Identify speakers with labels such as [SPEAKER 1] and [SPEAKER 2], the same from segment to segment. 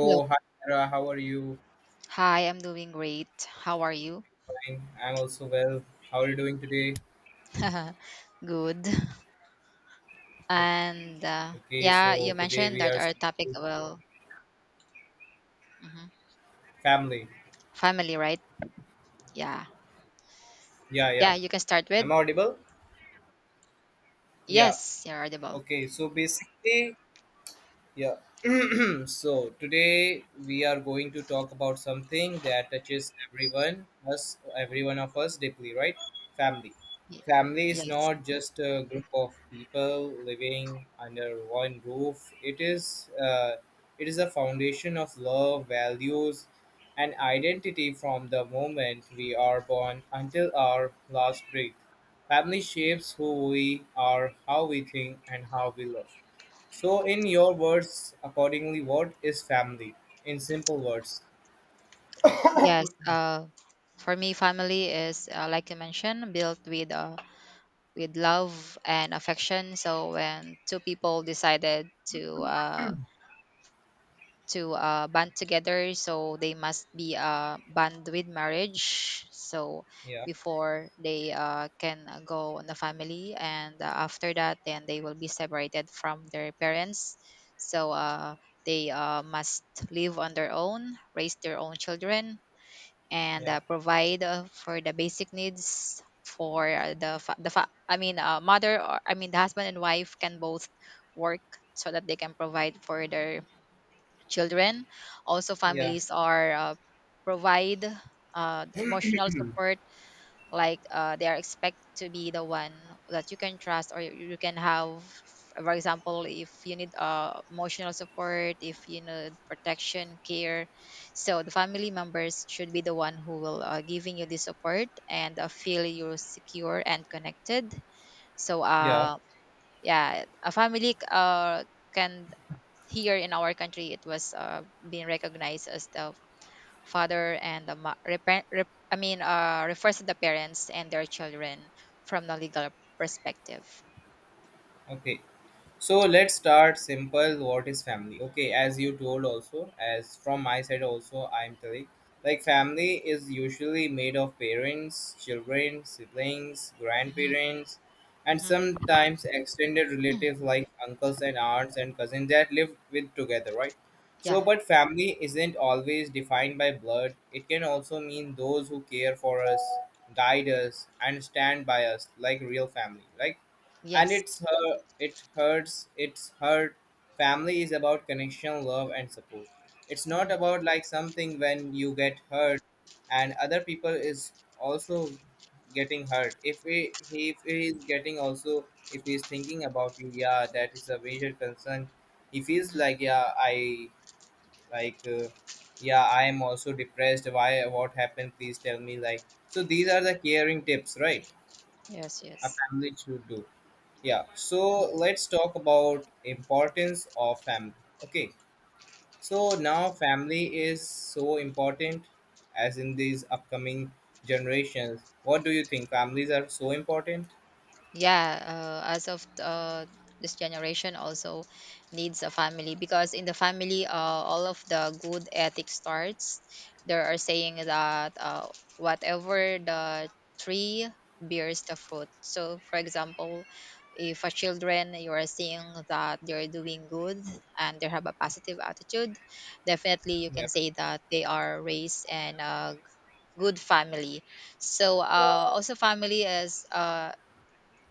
[SPEAKER 1] Hello.
[SPEAKER 2] hi, Tara. How are you?
[SPEAKER 1] Hi, I'm doing great. How are you?
[SPEAKER 2] Fine. I'm also well. How are you doing today?
[SPEAKER 1] Good. And uh,
[SPEAKER 2] Okay,
[SPEAKER 1] yeah,
[SPEAKER 2] so
[SPEAKER 1] you
[SPEAKER 2] today
[SPEAKER 1] mentioned
[SPEAKER 2] we
[SPEAKER 1] that
[SPEAKER 2] are
[SPEAKER 1] our topic
[SPEAKER 2] studying
[SPEAKER 1] will mhm,
[SPEAKER 2] family.
[SPEAKER 1] family, right? Yeah.
[SPEAKER 2] Yeah, yeah.
[SPEAKER 1] Yeah, you can start with.
[SPEAKER 2] I'm audible? Yeah.
[SPEAKER 1] Yes, you're audible.
[SPEAKER 2] Okay, so basically, yeah. So today we are going to talk about something that touches everyone, us, every one of us deeply, right? Family.
[SPEAKER 1] Y-
[SPEAKER 2] Family is
[SPEAKER 1] Yes.
[SPEAKER 2] not just a group of people living under one roof. It is a foundation of love, values, and identity. From the moment we are born until our last breath, family shapes who we are, how we think, and how we love. So, in your words, accordingly, what is family? In simple words.
[SPEAKER 1] Yes. For me, family is like you mentioned, built with love and affection. So when two people decided to uh, to band together, so they must be band with marriage, so
[SPEAKER 2] Yeah,
[SPEAKER 1] before they can go on the family, and after that then they will be separated from their parents, so they must live on their own, raise their own children, and
[SPEAKER 2] yeah,
[SPEAKER 1] provide for the basic needs for the fa- I mean mother, or I mean the husband and wife can both work so that they can provide for their children. Also,
[SPEAKER 2] yeah,
[SPEAKER 1] families are provide emotional support, like they are expect to be the one that you can trust or you can have. For example, if you need emotional support, if you need protection, care, so the family members should be the one who will giving you the support and feel you secure and connected. So
[SPEAKER 2] yeah.
[SPEAKER 1] uh, yeah, a family can, here in our country, it was being recognized as the father and the refers to the parents and their children from the legal perspective.
[SPEAKER 2] Okay. So let's start simple. What is family? Okay, as you told also, as from my side also, I'm telling. Like, family is usually made of parents, children, siblings,
[SPEAKER 1] Hmm.
[SPEAKER 2] grandparents, and
[SPEAKER 1] Hmm.
[SPEAKER 2] sometimes extended relatives like uncles and aunts and cousins that live with together, right? So,
[SPEAKER 1] Yeah.
[SPEAKER 2] but family isn't always defined by blood. It can also mean those who care for us, guide us, and stand by us, like real family, right? And
[SPEAKER 1] Yes.
[SPEAKER 2] it's hurt. Family is about connection, love and support. It's not
[SPEAKER 1] Hmm.
[SPEAKER 2] about like something when you get hurt and other people is also getting hurt. If if he is getting also, if he is thinking about you, yeah, that is a major concern. He feels
[SPEAKER 1] Hmm.
[SPEAKER 2] like, yeah, I like uh, yeah, I am also depressed, why, what happened, please tell me, like. So these are the caring tips, right,
[SPEAKER 1] Yes,
[SPEAKER 2] a
[SPEAKER 1] yes.
[SPEAKER 2] family should do. Yeah, so let's talk about importance of family. Okay, so now family is so important. As in these upcoming generations, what do you think families are so important?
[SPEAKER 1] Yeah, as of this generation, also needs a family because in the family, all of the good ethics starts. There are saying that whatever the tree bears the fruit. So, for example, if a children you are seeing that they're doing good and they have a positive attitude, definitely you
[SPEAKER 2] Yeah.
[SPEAKER 1] can say that they are raised in a good family. Also, family is uh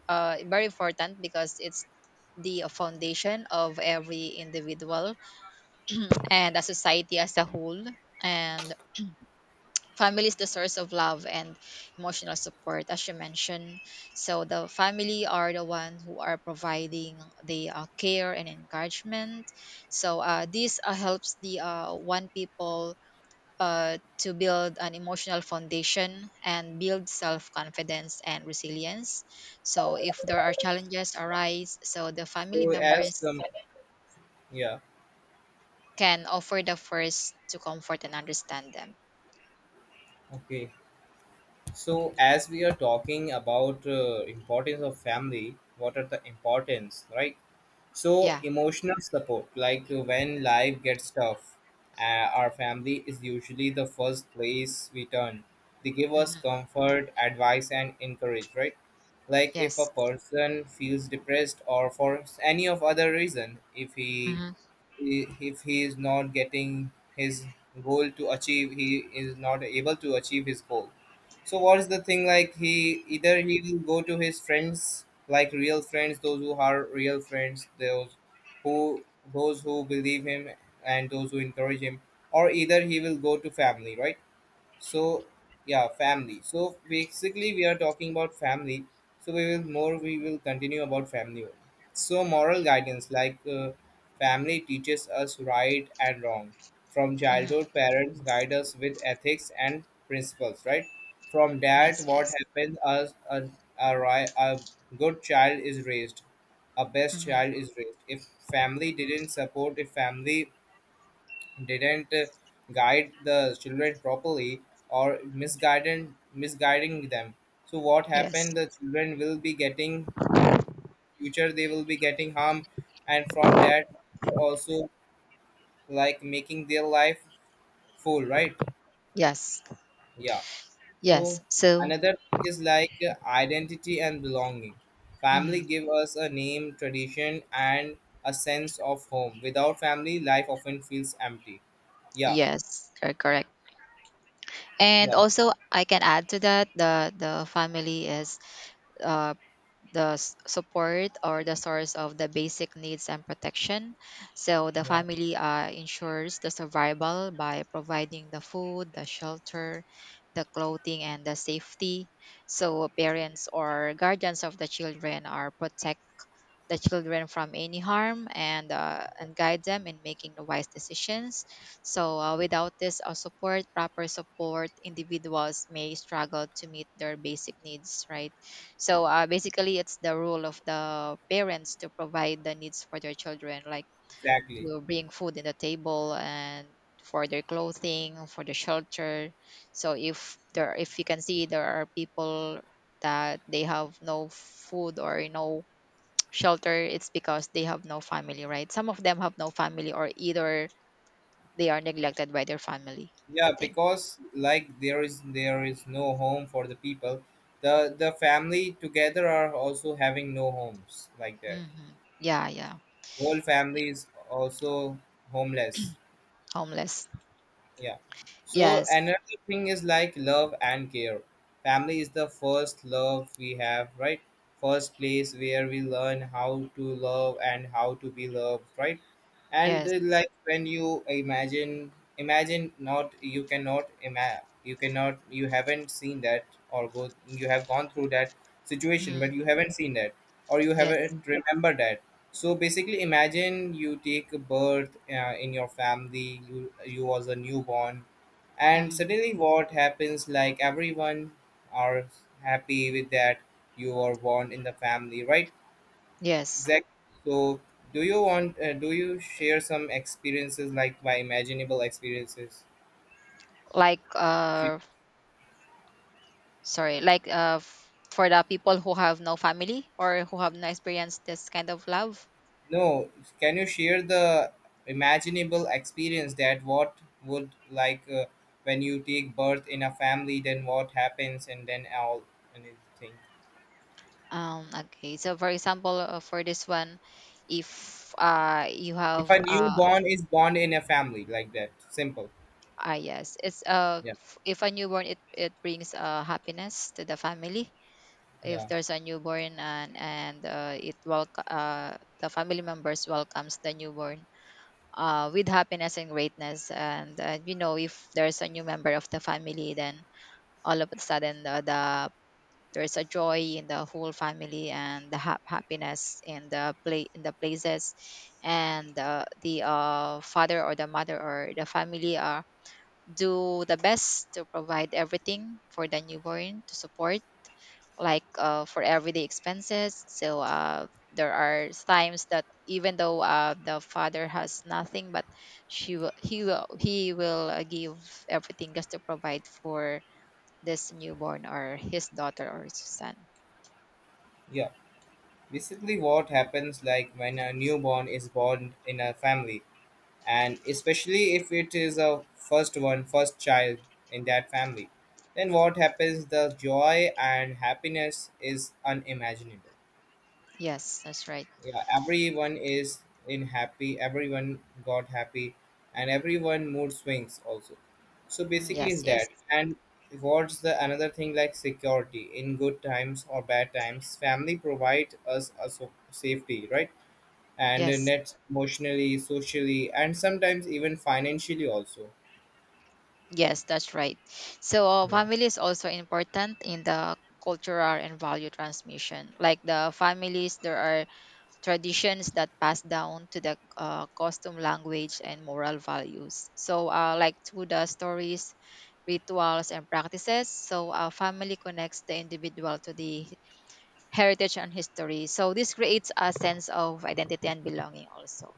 [SPEAKER 1] uh, very important because it's the foundation of every individual and a society as a whole. And family is the source of love and emotional support, as you mentioned. So the family are the one who are providing the care and encouragement. This helps the one people to build an emotional foundation and build self-confidence and resilience. So if there are challenges arise, so the family
[SPEAKER 2] so as
[SPEAKER 1] members
[SPEAKER 2] Yeah.
[SPEAKER 1] can offer the first to comfort and understand them.
[SPEAKER 2] Okay, so as we are talking about importance of family, what are the importance, right? So
[SPEAKER 1] Yeah.
[SPEAKER 2] emotional support, like, when life gets tough, our family is usually the first place we turn. They give us
[SPEAKER 1] Hmm.
[SPEAKER 2] comfort, advice, and encourage, right? Like, if a
[SPEAKER 1] Yes.
[SPEAKER 2] person feels depressed or for any of other reason, if he,
[SPEAKER 1] Hmm.
[SPEAKER 2] if he is not getting his goal to achieve, he is not able to achieve his goal. So what is the thing like, he either he will go to his friends, like real friends, those who are real friends, those who, those who believe him and those who encourage him, or either he will go to family, right? So yeah, family. So basically we are talking about family, so we will continue about family only. So moral guidance, like, family teaches us right and wrong. From
[SPEAKER 1] Hmm.
[SPEAKER 2] childhood, parents
[SPEAKER 1] Yes,
[SPEAKER 2] guide us with ethics and principles, right? From that
[SPEAKER 1] yes,
[SPEAKER 2] what
[SPEAKER 1] yes.
[SPEAKER 2] happens, as a, ri- a good child is raised, a best
[SPEAKER 1] Hmm.
[SPEAKER 2] child is raised. If family didn't support, if family didn't guide the children properly, or misguided misguiding them, so what
[SPEAKER 1] Yes,
[SPEAKER 2] happened, the children will be getting future, they will be getting harm. And from that also, like, making their life full, right?
[SPEAKER 1] yes,
[SPEAKER 2] Yeah. So
[SPEAKER 1] yes. So
[SPEAKER 2] another thing is like, identity and belonging. Family
[SPEAKER 1] mhm.
[SPEAKER 2] give us a name, tradition and a sense of home. Without family, life often feels empty. Yeah,
[SPEAKER 1] Yes, you're correct. And
[SPEAKER 2] yeah,
[SPEAKER 1] also I can add to that, the family is uh, the support or the source of the basic needs and protection. So the
[SPEAKER 2] yeah,
[SPEAKER 1] family ensures the survival by providing the food, the shelter, the clothing, and the safety. So parents or guardians of the children are protected the children from any harm and guide them in making the wise decisions. So without this support proper support, individuals may struggle to meet their basic needs, right? So basically, it's the role of the parents to provide the needs for their children, like
[SPEAKER 2] exactly.
[SPEAKER 1] to bring food in the table, and for their clothing, for the shelter. So if there, if you can see there are people that they have no food or no shelter, it's because they have no family, right? Some of them have no family, or either they are neglected by their family, I
[SPEAKER 2] Yeah,
[SPEAKER 1] think.
[SPEAKER 2] because like, there is, there is no home for the people. The family together are also having no homes like that,
[SPEAKER 1] Hmm. Yeah, yeah.
[SPEAKER 2] whole family is also homeless.
[SPEAKER 1] Homeless.
[SPEAKER 2] Yeah. So
[SPEAKER 1] Yes,
[SPEAKER 2] another thing is like love and care. Family is the first love we have, right? First place where we learn how to love and how to be loved, right? And
[SPEAKER 1] yes.
[SPEAKER 2] like, when you imagine, imagine, not you cannot you cannot, you haven't seen that, or go you have gone through that situation, but
[SPEAKER 1] Mhm.
[SPEAKER 2] you haven't seen that or you
[SPEAKER 1] Yes.
[SPEAKER 2] haven't remembered that. So basically, imagine you take a birth in your family. You was a newborn, and
[SPEAKER 1] Mhm.
[SPEAKER 2] suddenly what happens? Like, everyone are happy with that, you are born in the family, right?
[SPEAKER 1] Yes.
[SPEAKER 2] Exactly. So, do you want? Do you share some experiences, like, my imaginable experiences?
[SPEAKER 1] Like, sorry, like, for the people who have no family or who have not experienced this kind of love.
[SPEAKER 2] No, can you share the imaginable experience, that what would like when you take birth in a family, then what happens, and then all and everything.
[SPEAKER 1] Okay, so for example, for this one, if you
[SPEAKER 2] If a
[SPEAKER 1] have
[SPEAKER 2] newborn is born in a family like that, simple.
[SPEAKER 1] Ah, yes. It's
[SPEAKER 2] Yeah,
[SPEAKER 1] if a newborn, it brings happiness to the family. If
[SPEAKER 2] yeah,
[SPEAKER 1] there's a newborn and it welcome the family members welcomes the newborn with happiness and greatness. And you know, if there's a new member of the family, then all of a sudden there's a joy in the whole family, and the happiness in the places, and the father or the mother or the family are do the best to provide everything for the newborn to support, like for everyday expenses. So there are times that even though the father has nothing, but she will, he will he will give everything just to provide for this newborn or his daughter or his son.
[SPEAKER 2] yeah. Basically, what happens like, when a newborn is born in a family, and especially if it is a first one, first child in that family, then what happens? The joy and happiness is unimaginable.
[SPEAKER 1] Yes, that's right.
[SPEAKER 2] Yeah, everyone is in happy, everyone got happy, and everyone mood swings also. So
[SPEAKER 1] Mm,
[SPEAKER 2] basically
[SPEAKER 1] yes,
[SPEAKER 2] is that.
[SPEAKER 1] yes,
[SPEAKER 2] And what's the another thing like, security. In good times or bad times, family provide us a safety, right, and
[SPEAKER 1] yes.
[SPEAKER 2] net, emotionally, socially and sometimes even financially also.
[SPEAKER 1] Yes, that's right. So
[SPEAKER 2] Yeah,
[SPEAKER 1] family is also important in the cultural and value transmission. Like the families, there are traditions that pass down to the costume, language, and moral values. So like through the stories, rituals, and practices, so family connects the individual to the heritage and history. So this creates a sense of identity and belonging also.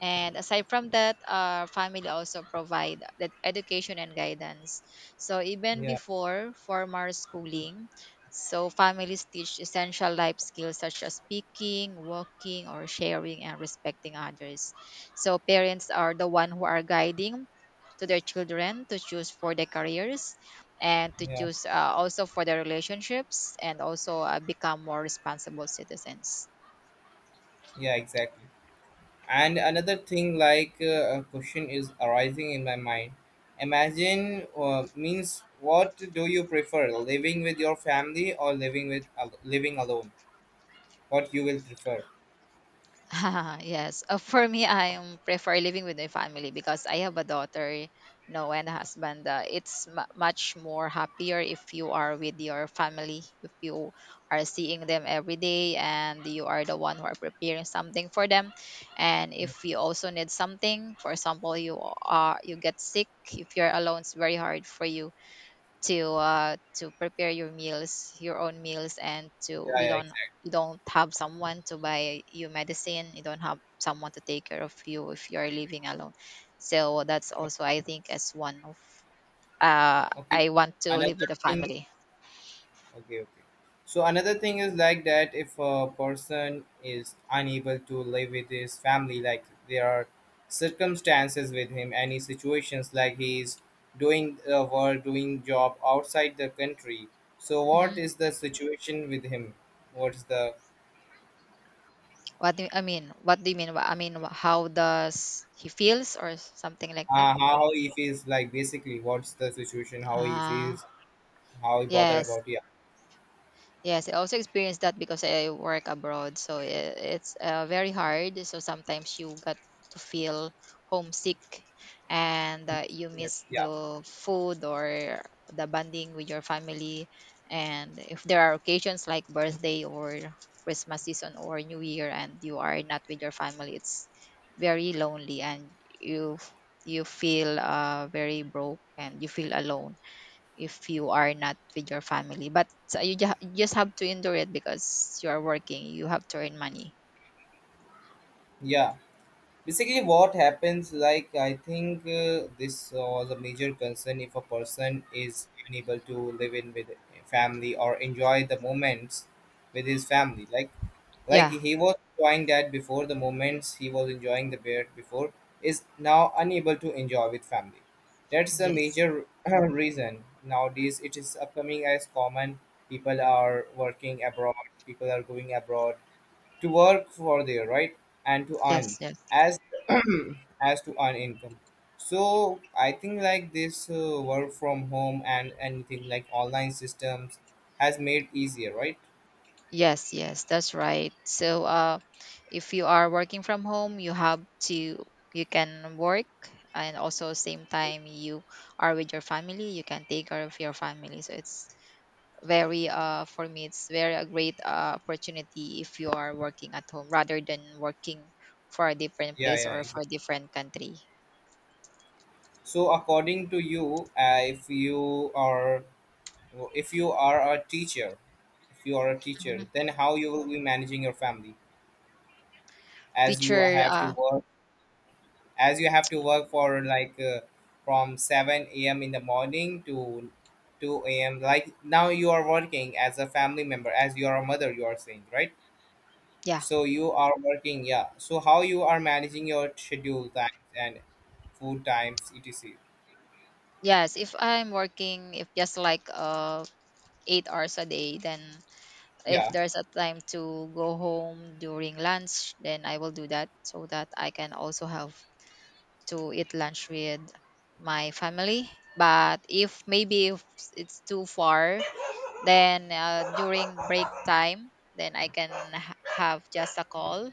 [SPEAKER 1] And aside from that, our family also provide that education and guidance. So even
[SPEAKER 2] yeah,
[SPEAKER 1] before formal schooling, so families teach essential life skills such as speaking, walking, or sharing and respecting others. So parents are the one who are guiding to their children to choose for their careers, and to
[SPEAKER 2] yeah,
[SPEAKER 1] choose also for their relationships, and also become more responsible citizens.
[SPEAKER 2] yeah, exactly. And another thing, like, a question is arising in my mind. Imagine, means, what do you prefer, living with your family or living living alone? What you will prefer?
[SPEAKER 1] Yes. For me, I am prefer living with my family because I have a daughter, you know, and a husband. It's mu much more happier if you are with your family, if you are seeing them every day, and you are the one who are preparing something for them. And
[SPEAKER 2] Yeah,
[SPEAKER 1] if you also need something, for example, you are you get sick. If you're alone, it's very hard for you to prepare your meals, your own meals, and to
[SPEAKER 2] yeah, exactly.
[SPEAKER 1] you don't have someone to buy you medicine. You don't have someone to take care of you if you are living alone. So that's also
[SPEAKER 2] Okay.
[SPEAKER 1] I think as one of
[SPEAKER 2] Okay.
[SPEAKER 1] I want to live
[SPEAKER 2] Another
[SPEAKER 1] with a
[SPEAKER 2] thing.
[SPEAKER 1] family.
[SPEAKER 2] Okay, okay. So another thing is like that, if a person is unable to live with his family, like there are circumstances with him, any situations, like he is doing work, doing job outside the country. So
[SPEAKER 1] Hmm.
[SPEAKER 2] what is the situation with him? What's the,
[SPEAKER 1] What do you, I mean? What do you mean? I mean, how does he feels or something like that?
[SPEAKER 2] how he feels, like, basically? What's the situation? How he feels?
[SPEAKER 1] Ah.
[SPEAKER 2] How he bother
[SPEAKER 1] Yes,
[SPEAKER 2] about? Yeah,
[SPEAKER 1] yes. I also experienced that because I work abroad, so it's very hard. So sometimes you got to feel homesick, and you
[SPEAKER 2] yes,
[SPEAKER 1] miss
[SPEAKER 2] yeah,
[SPEAKER 1] the food or the bonding with your family. And if there are occasions like birthday or Christmas season or New Year, and you are not with your family, it's very lonely, and you feel very broke and you feel alone if you are not with your family. But you, you just have to endure it because you are working. You have to earn money.
[SPEAKER 2] yeah. Basically what happens like, I think, this was a major concern, if a person is unable to live in with family or enjoy the moments with his family, like
[SPEAKER 1] Yeah.
[SPEAKER 2] he was enjoying that before, the moments he was enjoying the bear before, is now unable to enjoy with family. That's a
[SPEAKER 1] Yes.
[SPEAKER 2] major reason. Nowadays it is upcoming as common, people are working abroad, people are going abroad to work for their, right, and to earn,
[SPEAKER 1] Yes. Yes.
[SPEAKER 2] as as to earn income. So I think like, this work from home and anything like online systems has made easier, right?
[SPEAKER 1] Yes. Yes, that's right. So, if you are working from home, you have to you can work, and also same time you are with your family. You can take care of your family. So it's very for me it's very a great opportunity if you are working at home rather than working for a different
[SPEAKER 2] Yeah,
[SPEAKER 1] place
[SPEAKER 2] yeah,
[SPEAKER 1] or
[SPEAKER 2] exactly.
[SPEAKER 1] for a different country.
[SPEAKER 2] So according to you, if you are, if you are a teacher, if you are a teacher,
[SPEAKER 1] Mhm.
[SPEAKER 2] then how you will be managing your family, as you
[SPEAKER 1] Teacher,
[SPEAKER 2] have to work, as you have to work for like from 7 a.m in the morning to 2 a.m, like, now you are working as a family member, as you are a mother, you are saying, right?
[SPEAKER 1] yeah,
[SPEAKER 2] So you are working, yeah. So how you are managing your schedule times and food times etc.
[SPEAKER 1] yes. If I'm working, if just like 8 hours a day, then if
[SPEAKER 2] Yeah.
[SPEAKER 1] there's a time to go home during lunch, then I will do that so that I can also have to eat lunch with my family. But if maybe if it's too far, then during break time, then I can have just a call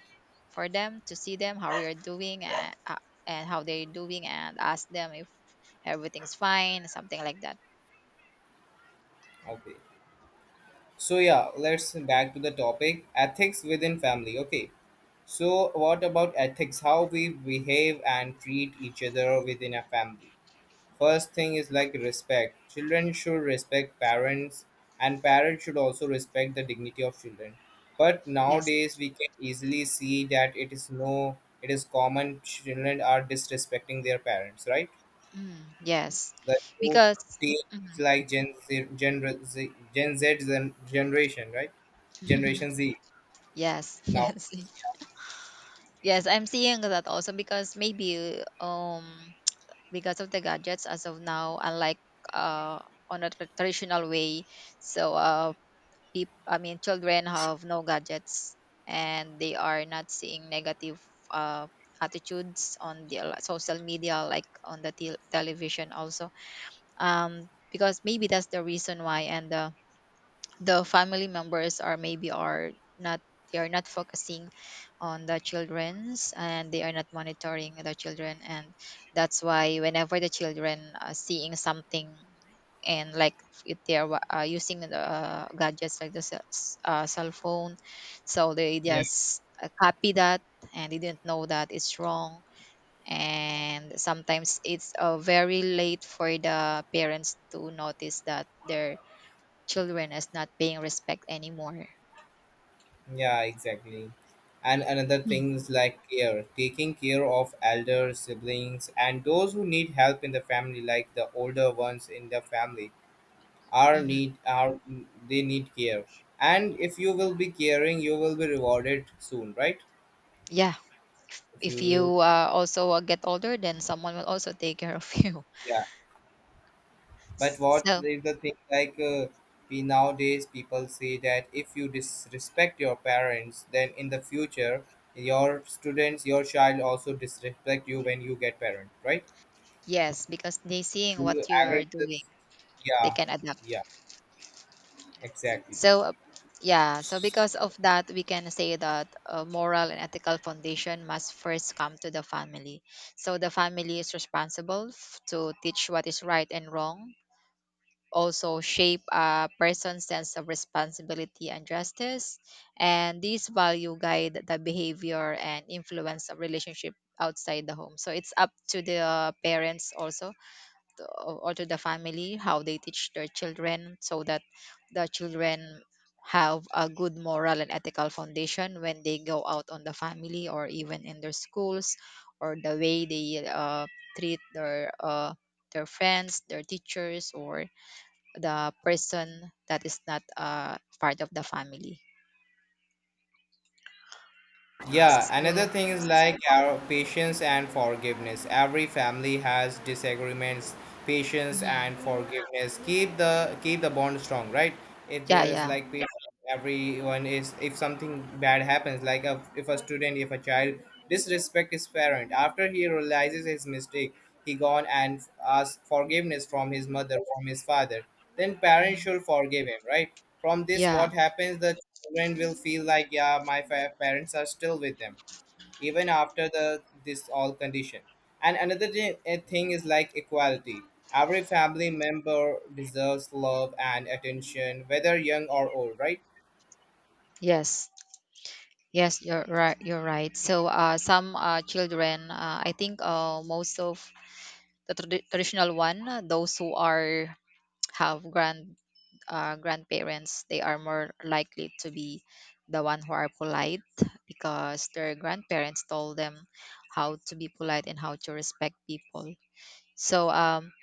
[SPEAKER 1] for them to see them how we are doing and how they're doing and ask them if everything's fine, something like that.
[SPEAKER 2] Okay. So yeah, let's back to the topic, ethics within family. Okay, so what about ethics, how we behave and treat each other within a family. First thing is like respect. Children should respect parents, and parents should also respect the dignity of children. But
[SPEAKER 1] Yes.
[SPEAKER 2] nowadays, we can easily see that it is no, it is common, children are disrespecting their parents, right?
[SPEAKER 1] Mm, yes.
[SPEAKER 2] The new
[SPEAKER 1] Because
[SPEAKER 2] teen is
[SPEAKER 1] Mhm.
[SPEAKER 2] like Gen Z, Gen Z, Gen Z generation, right? Generation Z
[SPEAKER 1] yes,
[SPEAKER 2] now.
[SPEAKER 1] yes. Yes, I'm seeing that also because maybe because of the gadgets as of now, unlike uh on a traditional way, so peop I mean, children have no gadgets, and they are not seeing negative uh, attitudes on the social media, like on the television also. Because maybe that's the reason why. And the family members are maybe are not they are not focusing on the children's, and they are not monitoring the children, and that's why whenever the children are seeing something, and like if they are using the gadgets like the cell phone, so they just copy that, and they didn't know that it's wrong. And sometimes it's very late for the parents to notice that their children as not paying respect anymore.
[SPEAKER 2] Yeah, exactly. And another
[SPEAKER 1] Mm.
[SPEAKER 2] things like care, taking care of elder siblings and those who need help in the family, like the older ones in the family, are
[SPEAKER 1] Hmm.
[SPEAKER 2] need are, they need care. And if you will be caring, you will be rewarded soon, right?
[SPEAKER 1] Yeah,
[SPEAKER 2] If you
[SPEAKER 1] if you
[SPEAKER 2] will,
[SPEAKER 1] also get older, then someone will also take care of you.
[SPEAKER 2] yeah. But what
[SPEAKER 1] So
[SPEAKER 2] is the thing like? We, nowadays people say that if you disrespect your parents, then in the future your students, your child also disrespect you when you get parent, right?
[SPEAKER 1] yes, because they seeing
[SPEAKER 2] Do you
[SPEAKER 1] what
[SPEAKER 2] agree
[SPEAKER 1] you're
[SPEAKER 2] with
[SPEAKER 1] doing,
[SPEAKER 2] this?
[SPEAKER 1] they
[SPEAKER 2] Yeah,
[SPEAKER 1] can adapt.
[SPEAKER 2] yeah, exactly.
[SPEAKER 1] So yeah, so because of that, we can say that moral and ethical foundation must first come to the family. So the family is responsible to teach what is right and wrong, also shape a person's sense of responsibility and justice. And these value guide the behavior and influence of relationship outside the home. So it's up to the parents also to, or to the family, how they teach their children so that the children have a good moral and ethical foundation when they go out on the family or even in their schools, or the way they treat their friends, their teachers, or the person that is not part of the family.
[SPEAKER 2] Yeah, another
[SPEAKER 1] So
[SPEAKER 2] thing is like our patience and forgiveness. Every family has disagreements. Patience
[SPEAKER 1] mhm.
[SPEAKER 2] and forgiveness keep the bond strong, right? If
[SPEAKER 1] Yeah,
[SPEAKER 2] there is
[SPEAKER 1] yeah,
[SPEAKER 2] like patience, everyone is. If something bad happens, like a, if a student, if a child disrespect his parent, after he realizes his mistake, he gone and asks forgiveness from his mother, from his father. Then parents
[SPEAKER 1] mhm,
[SPEAKER 2] should forgive him, right? From this what
[SPEAKER 1] yeah,
[SPEAKER 2] happens, the children will feel like, yeah, my parents are still with them, even after the this all condition. And another thing is like equality. Every family member deserves love and attention, whether young or old, right?
[SPEAKER 1] yes, yes, you're right. You're right. Some children, I think most of the traditional one, those who are have grand, grandparents, they are more likely to be the one who are polite, because their grandparents told them how to be polite and how to respect people. So um,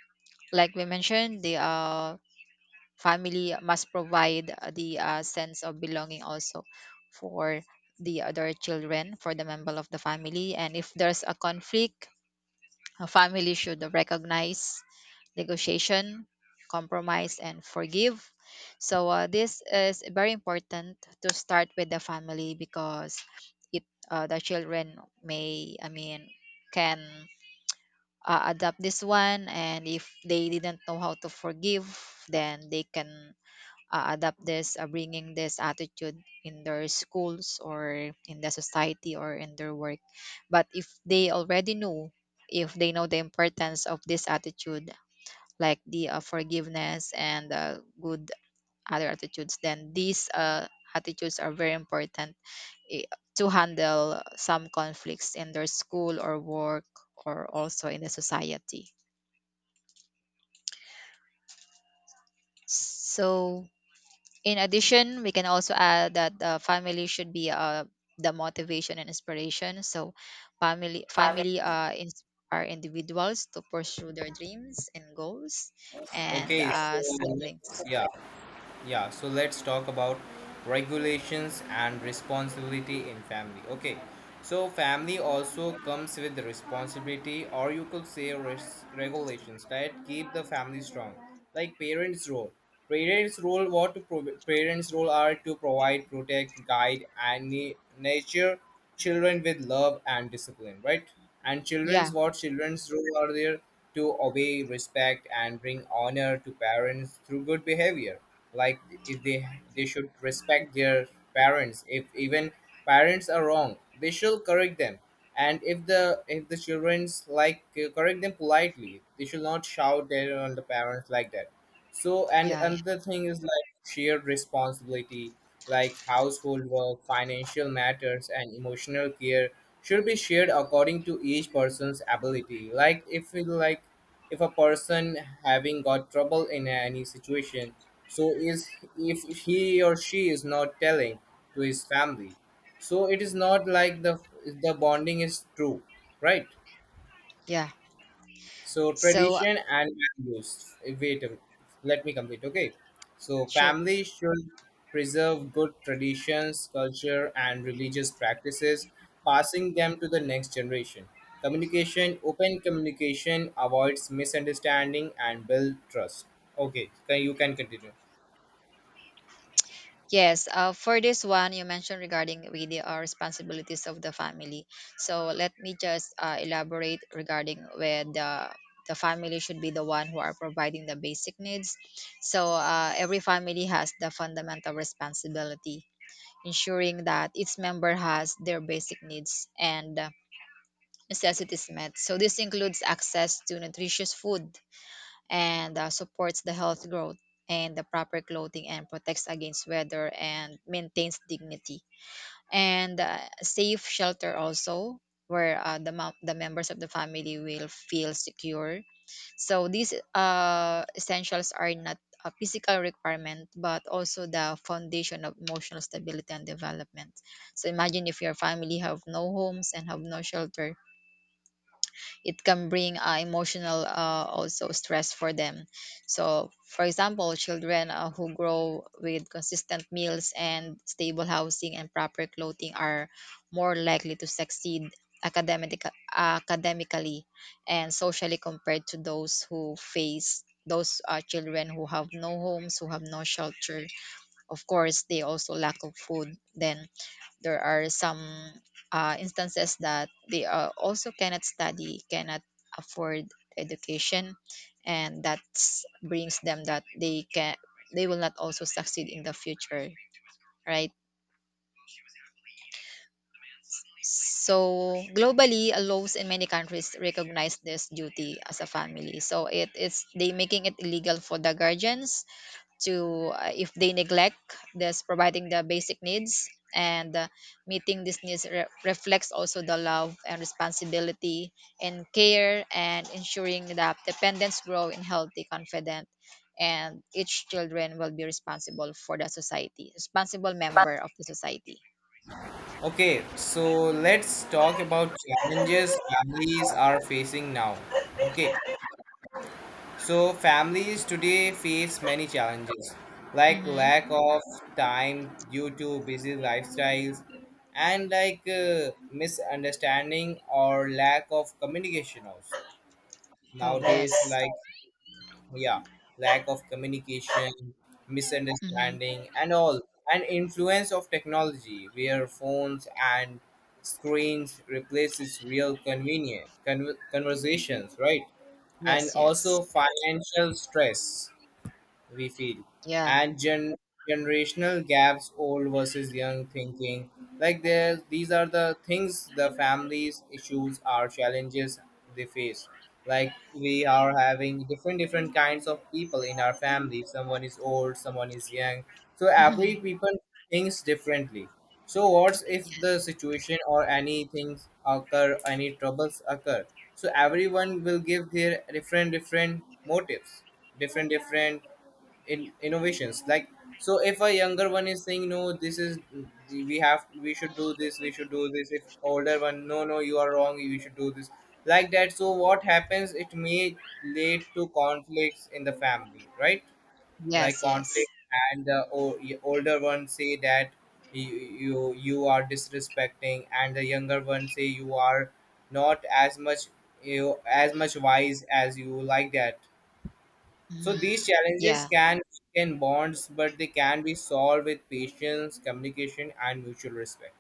[SPEAKER 1] Like we mentioned, the family must provide the sense of belonging also for the other children, for the member of the family. And if there's a conflict, a family should recognize negotiation, compromise, and forgive. So this is very important to start with the family, because it the children may I mean can adapt this one, and if they didn't know how to forgive, then they can adapt this, bringing this attitude in their schools or in the society or in their work. But if they already know, if they know the importance of this attitude, like the forgiveness and good other attitudes, then these attitudes are very important i- to handle some conflicts in their school or work or also in the society. So, in addition, we can also add that family should be the motivation and inspiration. So, family inspire individuals to pursue their dreams and goals, and
[SPEAKER 2] Okay. So
[SPEAKER 1] siblings.
[SPEAKER 2] yeah, yeah. So let's talk about regulations and responsibility in family. Okay, so family also comes with the responsibility, or you could say regulations that keep the family strong. Like parents role, parents role what to parents role are to provide, protect, guide and nurture children with love and discipline, right? And children's,
[SPEAKER 1] Yeah,
[SPEAKER 2] what children's role are there, to obey, respect, and bring honor to parents through good behavior. Like, if they, they should respect their parents. If even parents are wrong, they should correct them. And if the childrens like correct them politely, they should not shout at on the parents like that. So and
[SPEAKER 1] yeah,
[SPEAKER 2] another thing is like shared responsibility, like household work, financial matters, and emotional care should be shared according to each person's ability. Like if we like if a person having got trouble in any situation, so is if he or she is not telling to his family, so it is not like the bonding is true, right?
[SPEAKER 1] yeah.
[SPEAKER 2] So
[SPEAKER 1] So,
[SPEAKER 2] tradition and values. Wait, a minute. Let me complete. Okay. So
[SPEAKER 1] sure.
[SPEAKER 2] family should preserve good traditions, culture, and religious practices, passing them to the next generation. Communication, open communication avoids misunderstanding and build trust. Okay, can you can continue.
[SPEAKER 1] Yes, for this one you mentioned regarding with the responsibilities of the family. So let me just elaborate regarding where the family should be the one who are providing the basic needs. So every family has the fundamental responsibility, ensuring that its member has their basic needs and necessities met. So this includes access to nutritious food, and supports the health growth, and the proper clothing, and protects against weather and maintains dignity, and safe shelter also, where the members of the family will feel secure. So these essentials are not a physical requirement but also the foundation of emotional stability and development. So imagine if your family have no homes and have no shelter, it can bring emotional, also stress for them. So for example, children who grow with consistent meals and stable housing and proper clothing are more likely to succeed academic, academically and socially, compared to those who face those children who have no homes, who have no shelter. Of course, they also lack of food. Then there are some instances that they also cannot study, cannot afford education, and that brings them that they can, they will not also succeed in the future, right? So globally, laws in many countries recognize this duty as a family. So it is they making it illegal for the guardians to, if they neglect this providing the basic needs. And meeting these needs reflects also the love and responsibility and care, and ensuring that dependents grow in healthy confident, and each children will be responsible for the society, responsible member of the society.
[SPEAKER 2] Okay, so let's talk about challenges families are facing now. Okay, so families today face many challenges like
[SPEAKER 1] Mm-hmm.
[SPEAKER 2] lack of time due to busy lifestyles and like misunderstanding or lack of communication also.
[SPEAKER 1] Oh,
[SPEAKER 2] Nowadays
[SPEAKER 1] yes.
[SPEAKER 2] like yeah, lack of communication,
[SPEAKER 1] Mm-hmm.
[SPEAKER 2] misunderstanding and all, and influence of technology where phones and screens replaces real conversations, right? And
[SPEAKER 1] Yes, yes,
[SPEAKER 2] also financial stress we feel,
[SPEAKER 1] yeah.
[SPEAKER 2] and generational gaps, old versus young thinking. Like there, these are the things the families issues are challenges they face. Like we are having different different kinds of people in our family, someone is old, someone is young, so every
[SPEAKER 1] Yes,
[SPEAKER 2] people thinks differently. So what's if the situation or anything occur, any troubles occur, so everyone will give their different different motives, different different in innovations, like. So if a younger one is saying no, this is, we have, we should do this, we should do this, if older one, no no, you are wrong, you should do this, like that. So what happens, it may lead to conflicts in the family, right? Like
[SPEAKER 1] yes, yes,
[SPEAKER 2] conflict, and older one say that you, you are disrespecting, and the younger one say you are not as much, you as much wise as you, like that. So
[SPEAKER 1] hmm,
[SPEAKER 2] these challenges
[SPEAKER 1] yeah.
[SPEAKER 2] can weaken bonds, but they can be solved with patience, communication, and mutual respect.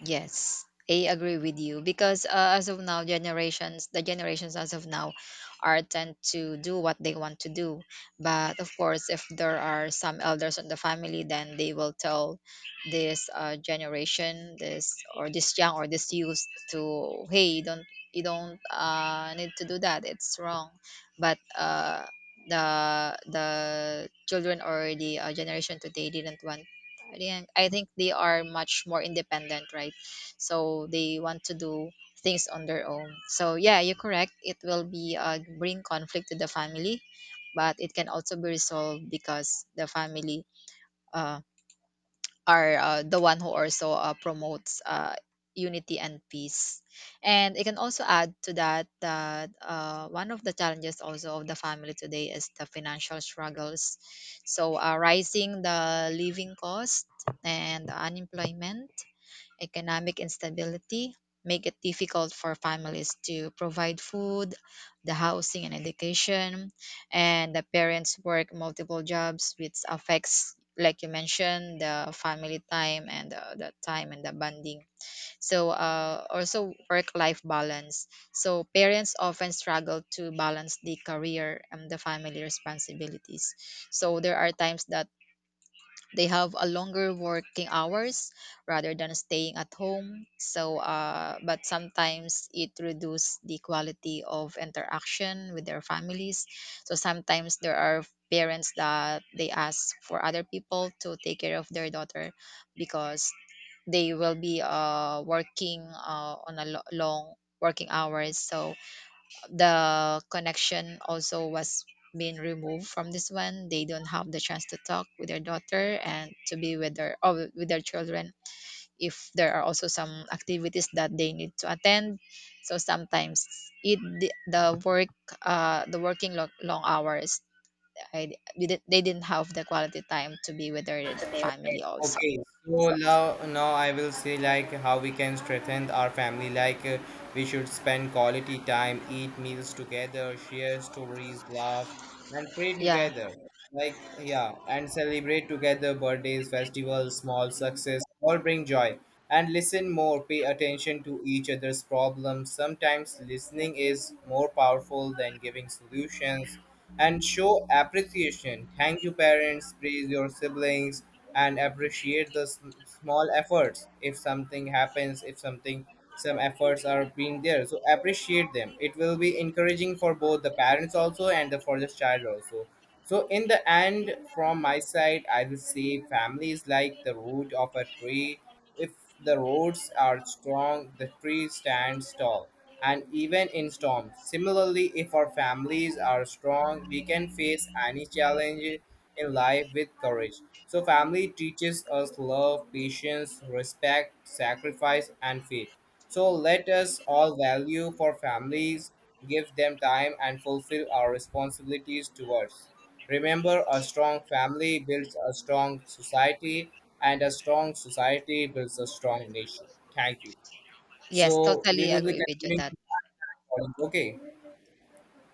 [SPEAKER 1] Yes, I agree with you, because as of now, generations, the generations as of now are tend to do what they want to do. But of course, if there are some elders in the family, then they will tell this generation, this or this young or this youth to, hey, you don't need to do that. It's wrong. But the children or the generation today didn't want, I think they are much more independent, right? So they want to do things on their own. So yeah, you're correct. It will be bring conflict to the family, but it can also be resolved because the family um, are the one who also promotes unity and peace. And I can also add to that, that one of the challenges also of the family today is the financial struggles. So rising the living cost and unemployment, economic instability make it difficult for families to provide food, the housing and education, and the parents work multiple jobs, which affects, like you mentioned, the family time and the time and the bonding. So also work-life balance. So parents often struggle to balance the career and the family responsibilities. So there are times that they have a longer working hours rather than staying at home. So but sometimes it reduces the quality of interaction with their families. So sometimes there are parents that they ask for other people to take care of their daughter, because they will be working on a long working hours. So the connection also was being removed from this one, they don't have the chance to talk with their daughter and to be with their, oh, with their children. If there are also some activities that they need to attend, so sometimes it the work, the working long, long hours, I, didn't- they didn't have the quality time to be with their family also.
[SPEAKER 2] Okay, so now I will say like how we can strengthen our family. Like we should spend quality time, eat meals together, share stories, laugh, and pray
[SPEAKER 1] Yeah,
[SPEAKER 2] together. Like yeah, and celebrate together birthdays, festivals, small success, all bring joy. And listen more, pay attention to each other's problems. Sometimes listening is more powerful than giving solutions, and show appreciation. Thank you, parents, praise your siblings, and appreciate the small efforts. If something happens, if something, some efforts are being there, so appreciate them, it will be encouraging for both the parents also and the for the child also. So in the end, from my side, I will say family is like the root of a tree. If the roads are strong, the tree stands tall, and even in storms. Similarly, if our families are strong, we can face any challenge in life with courage. So, family teaches us love, patience, respect, sacrifice, and faith. So, let us all value for families, give them time, and fulfill our responsibilities towards. Remember, a strong family builds a strong society, and a strong society builds a strong nation. Thank you.
[SPEAKER 1] yes,
[SPEAKER 2] So we
[SPEAKER 1] totally
[SPEAKER 2] will be
[SPEAKER 1] agree with you
[SPEAKER 2] continuing
[SPEAKER 1] that
[SPEAKER 2] with the recording. Okay.